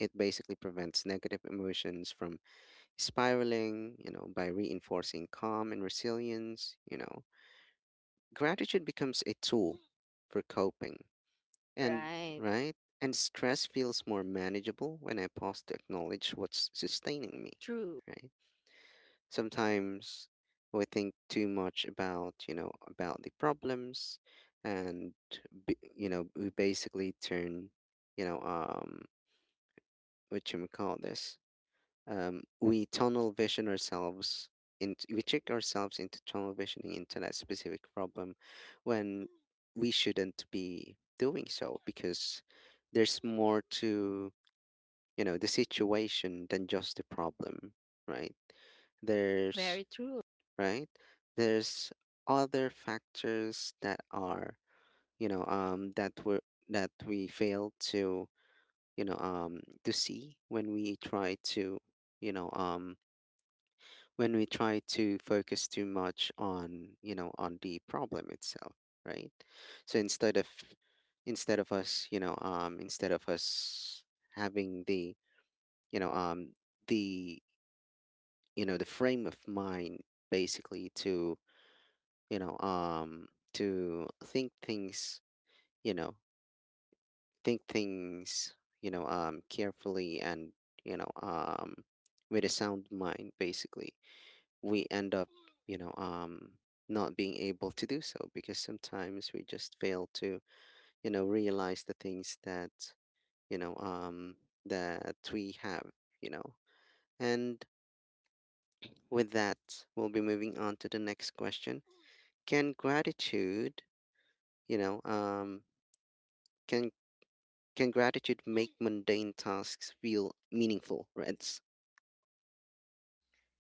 it basically prevents negative emotions from spiraling, you know, by reinforcing calm and resilience, you know. Gratitude becomes a tool for coping. And,
Right.
right? And stress feels more manageable when I pause to acknowledge what's sustaining me,
True.
right? Sometimes we think too much about, you know, about the problems, and b- you know, we basically turn, you know, um, what you may call this, um, we tunnel vision ourselves, and we trick ourselves into tunnel visioning into that specific problem, when we shouldn't be doing so, because there's more to you know the situation than just the problem, right? There's,
Very true.
right, there's other factors that are you know um that we are, that we fail to you know um to see, when we try to you know um when we try to focus too much on, you know on the problem itself, right? So, instead of instead of us, you know um instead of us having the, you know um the you know the frame of mind, basically, to you know um to think things, you know, think things, you know um carefully, and, you know um with a sound mind, basically, we end up, you know, um, not being able to do so, because sometimes we just fail to, you know, realize the things that, you know, um, that we have, you know. And with that, we'll be moving on to the next question. Can gratitude, you know, um, can can gratitude make mundane tasks feel meaningful, Reds?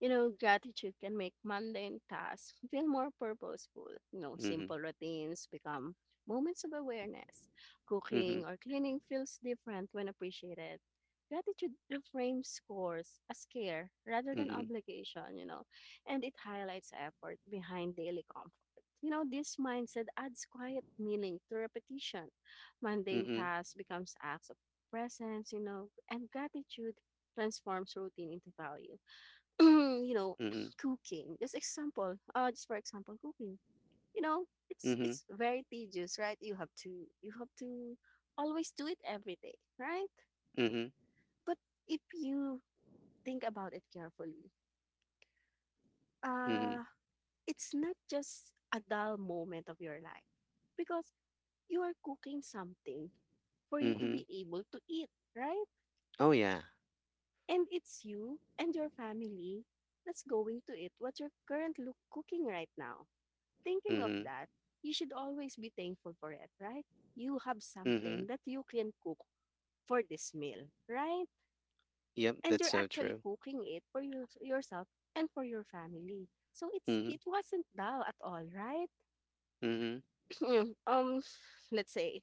You know, gratitude can make mundane tasks feel more purposeful. You know,
Mm-hmm.
simple routines become moments of awareness.
Mm-hmm.
Cooking or cleaning feels different when appreciated. Gratitude reframes scores as care rather than
Mm-hmm.
obligation, you know, and it highlights effort behind daily comfort. You know, this mindset adds quiet meaning to repetition. Mundane
Mm-hmm.
tasks becomes acts of presence, you know, and gratitude transforms routine into value, you know. Cooking. Just example, uh, just for example, cooking. You know, it's
Mm-hmm.
it's very tedious, right? You have to you have to always do it every day, right?
Mm-hmm.
But if you think about it carefully,
Mm-hmm.
uh, it's not just a dull moment of your life because you are cooking something for you to
Mm-hmm.
be able to eat, right?
Oh yeah.
And it's you and your family that's going to eat what you're currently cooking right now. Thinking of
Mm-hmm.
that, you should always be thankful for it, right? You have
Mm-hmm.
something that you can cook for this meal, right?
Yep,
And
that's
you're
so
actually
true.
cooking it for your, yourself and for your family. So it's
Mhm,
it wasn't dull at all, right?
mhm,
um, let's say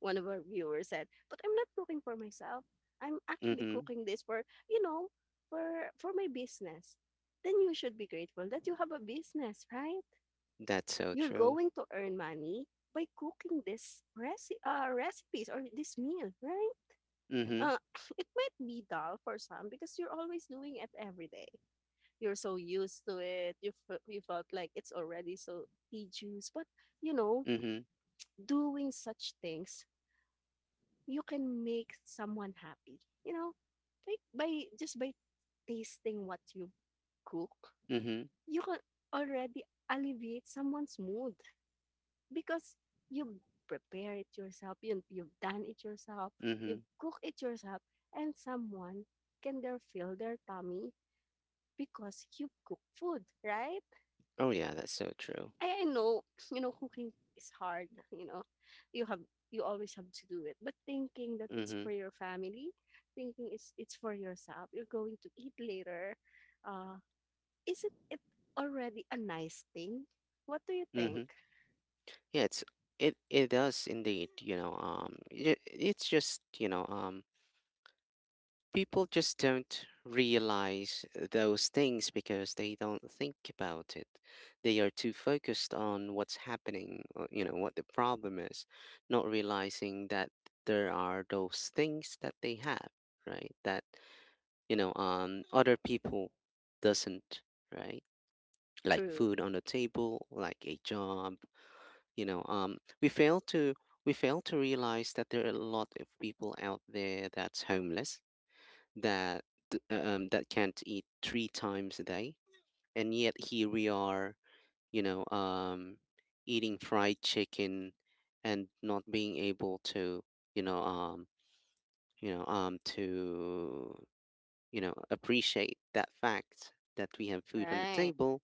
one of our viewers said, "But I'm not cooking for myself. I'm actually
mhm.
cooking this for you know for for my business." Then you should be grateful that you have a business, right?
That's so
You're
true.
going to earn money by cooking this reci- uh, recipes or this meal, right?
Mhm,
Uh, it might be dull for some because you're always doing it every day. You're so used to it. You, f- you felt like it's already so tedious. But, you know,
mhm,
doing such things, you can make someone happy. You know, like by just by tasting what you cook,
mhm,
you can already alleviate someone's mood because you've prepared it yourself, you, you've done it yourself,
mhm.
you've cooked it yourself, and someone can there fill their tummy because you cook food, right?
Oh yeah, that's so true.
I, I know, you know, cooking is hard, you know, you have you always have to do it, but thinking that it's
Mhm,
for your family, thinking it's it's for yourself, you're going to eat later, uh isn't it already a nice thing? What do you think?
mhm. Yeah, it's it it does indeed. You know, um, it, it's just you know, um, People just don't realize those things because they don't think about it. They are too focused on what's happening, or, you know, what the problem is, not realizing that there are those things that they have, right? That, you know, um, other people doesn't, right? Like
True.
food on the table, like a job, you know, um, we fail to we fail to realize that there are a lot of people out there that's homeless that uh, um, that can't eat three times a day, and yet here we are, you know, um, eating fried chicken and not being able to, you know, um, you know, um, to you know appreciate that fact that we have food on the
Right.
table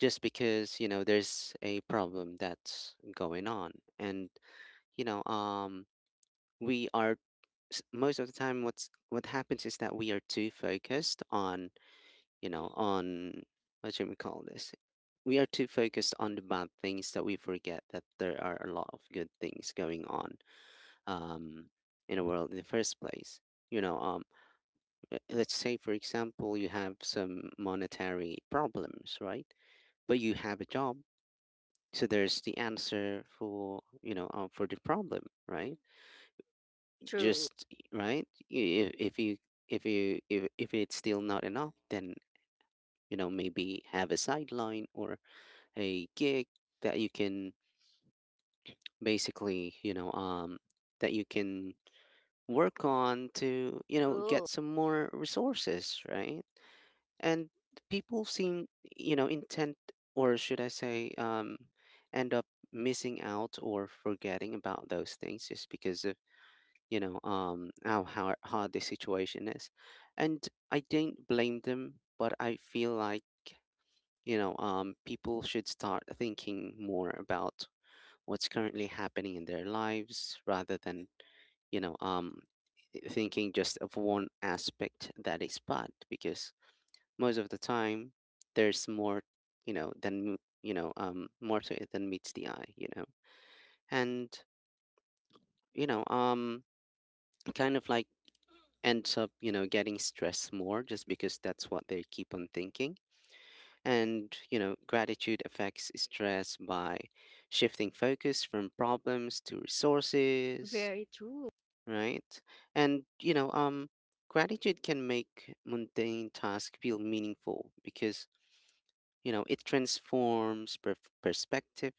just because you know there's a problem that's going on. And you know um we are s- most of the time what's what happens is that we are too focused on, you know, on, what should we call this? We are too focused on the bad things, that we forget that there are a lot of good things going on um, in the world in the first place. You know, um, uh, let's say, for example, you have some monetary problems, right? But you have a job. So there's the answer for, you know, uh, for the problem, right?
True.
Just, right? If, if you, if you, if, if it's still not enough, then, you know, maybe have a sideline or a gig that you can basically, you know, um, that you can work on to, you know,
True.
get some more resources, right? And people seem, you know, intent, or should I say, um, end up missing out or forgetting about those things just because of, you know, um, how, how hard the situation is. And I don't blame them, but I feel like, you know, um, people should start thinking more about what's currently happening in their lives rather than you know um thinking just of one aspect that is bad, because most of the time there's more, you know than m- you know um more to it than meets the eye, you know. And you know um kind of like ends up, you know, getting stressed more just because that's what they keep on thinking. And you know, gratitude affects stress by shifting focus from problems to resources,
Very true.
right? And you know, um, gratitude can make mundane tasks feel meaningful, because you know it transforms per- perspective.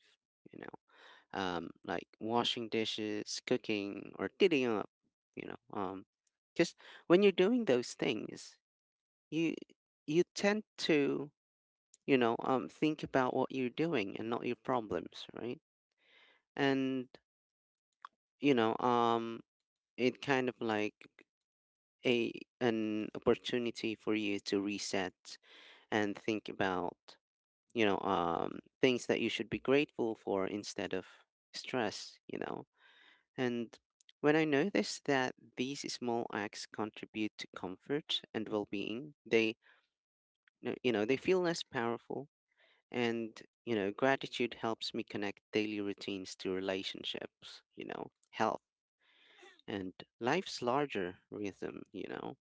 You know, um, like washing dishes, cooking, or cleaning up. You know, um, because when you're doing those things, you you tend to you know um think about what you're doing and not your problems, right? And you know, um, it kind of like, a, an opportunity for you to reset and think about you know um things that you should be grateful for instead of stress, you know. And when I notice that these small acts contribute to comfort and well-being, they uh, you know, they feel less powerful. And you know, gratitude helps me connect daily routines to relationships, you know, health, and life's larger rhythm, you know.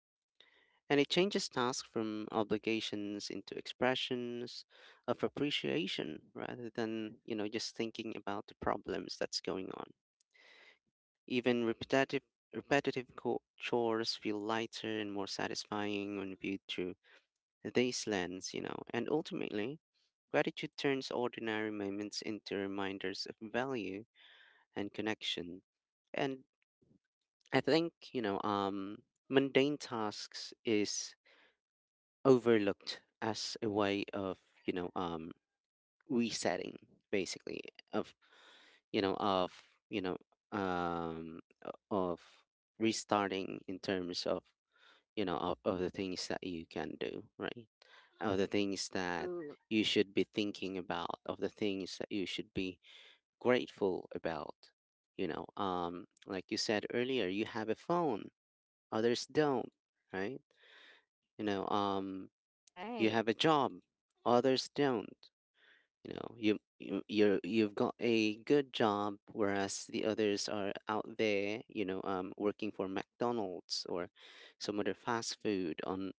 And it changes tasks from obligations into expressions of appreciation, rather than you know just thinking about the problems that's going on. Even repetitive repetitive co- chores feel lighter and more satisfying when viewed through this lens, you know. And ultimately, gratitude turns ordinary moments into reminders of value and connection. And I think, you know um mundane tasks is overlooked as a way of you know um resetting, basically, of you know of you know um o- of restarting in terms of, you know of, of the things that you can do, right? Of the things that
True.
you should be thinking about, of the things that you should be grateful about, you know um like you said earlier, you have a phone, others don't, right? you know um you
Right.
have a job, others don't. You know, you, you you're you've got a good job, whereas the others are out there, you know, um, working for McDonald's or some other fast food on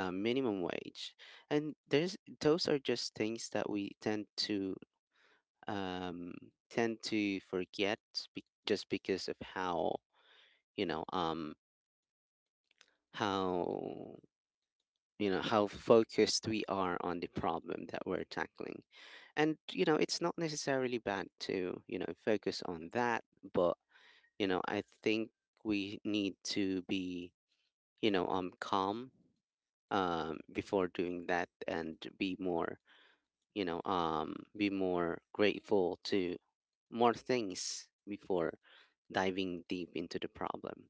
uh, minimum wage, and there's those are just things that we tend to um, tend to forget be- just because of how you know um, how you know how focused we are on the problem that we're tackling. And you know, it's not necessarily bad to you know focus on that, but you know I think we need to be you know um calm, um before doing that, and be more you know um be more grateful to more things before diving deep into the problem.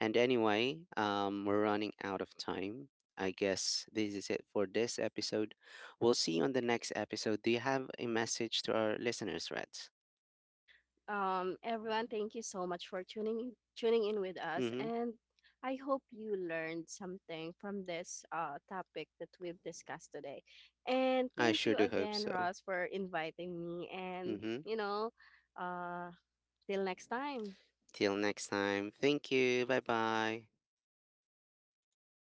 And anyway, um we're running out of time. I guess this is it for this episode. We'll see you on the next episode. Do you have a message to our listeners, Reds?
Um, everyone, thank you so much for tuning in, tuning in with us,
Mm-hmm.
and I hope you learned something from this uh, topic that we've discussed today. And
I
thank
sure
you
do hope
again,
so.
Ross, for inviting me. And
Mm-hmm.
you know, uh, till next time.
Till next time, thank you, bye bye.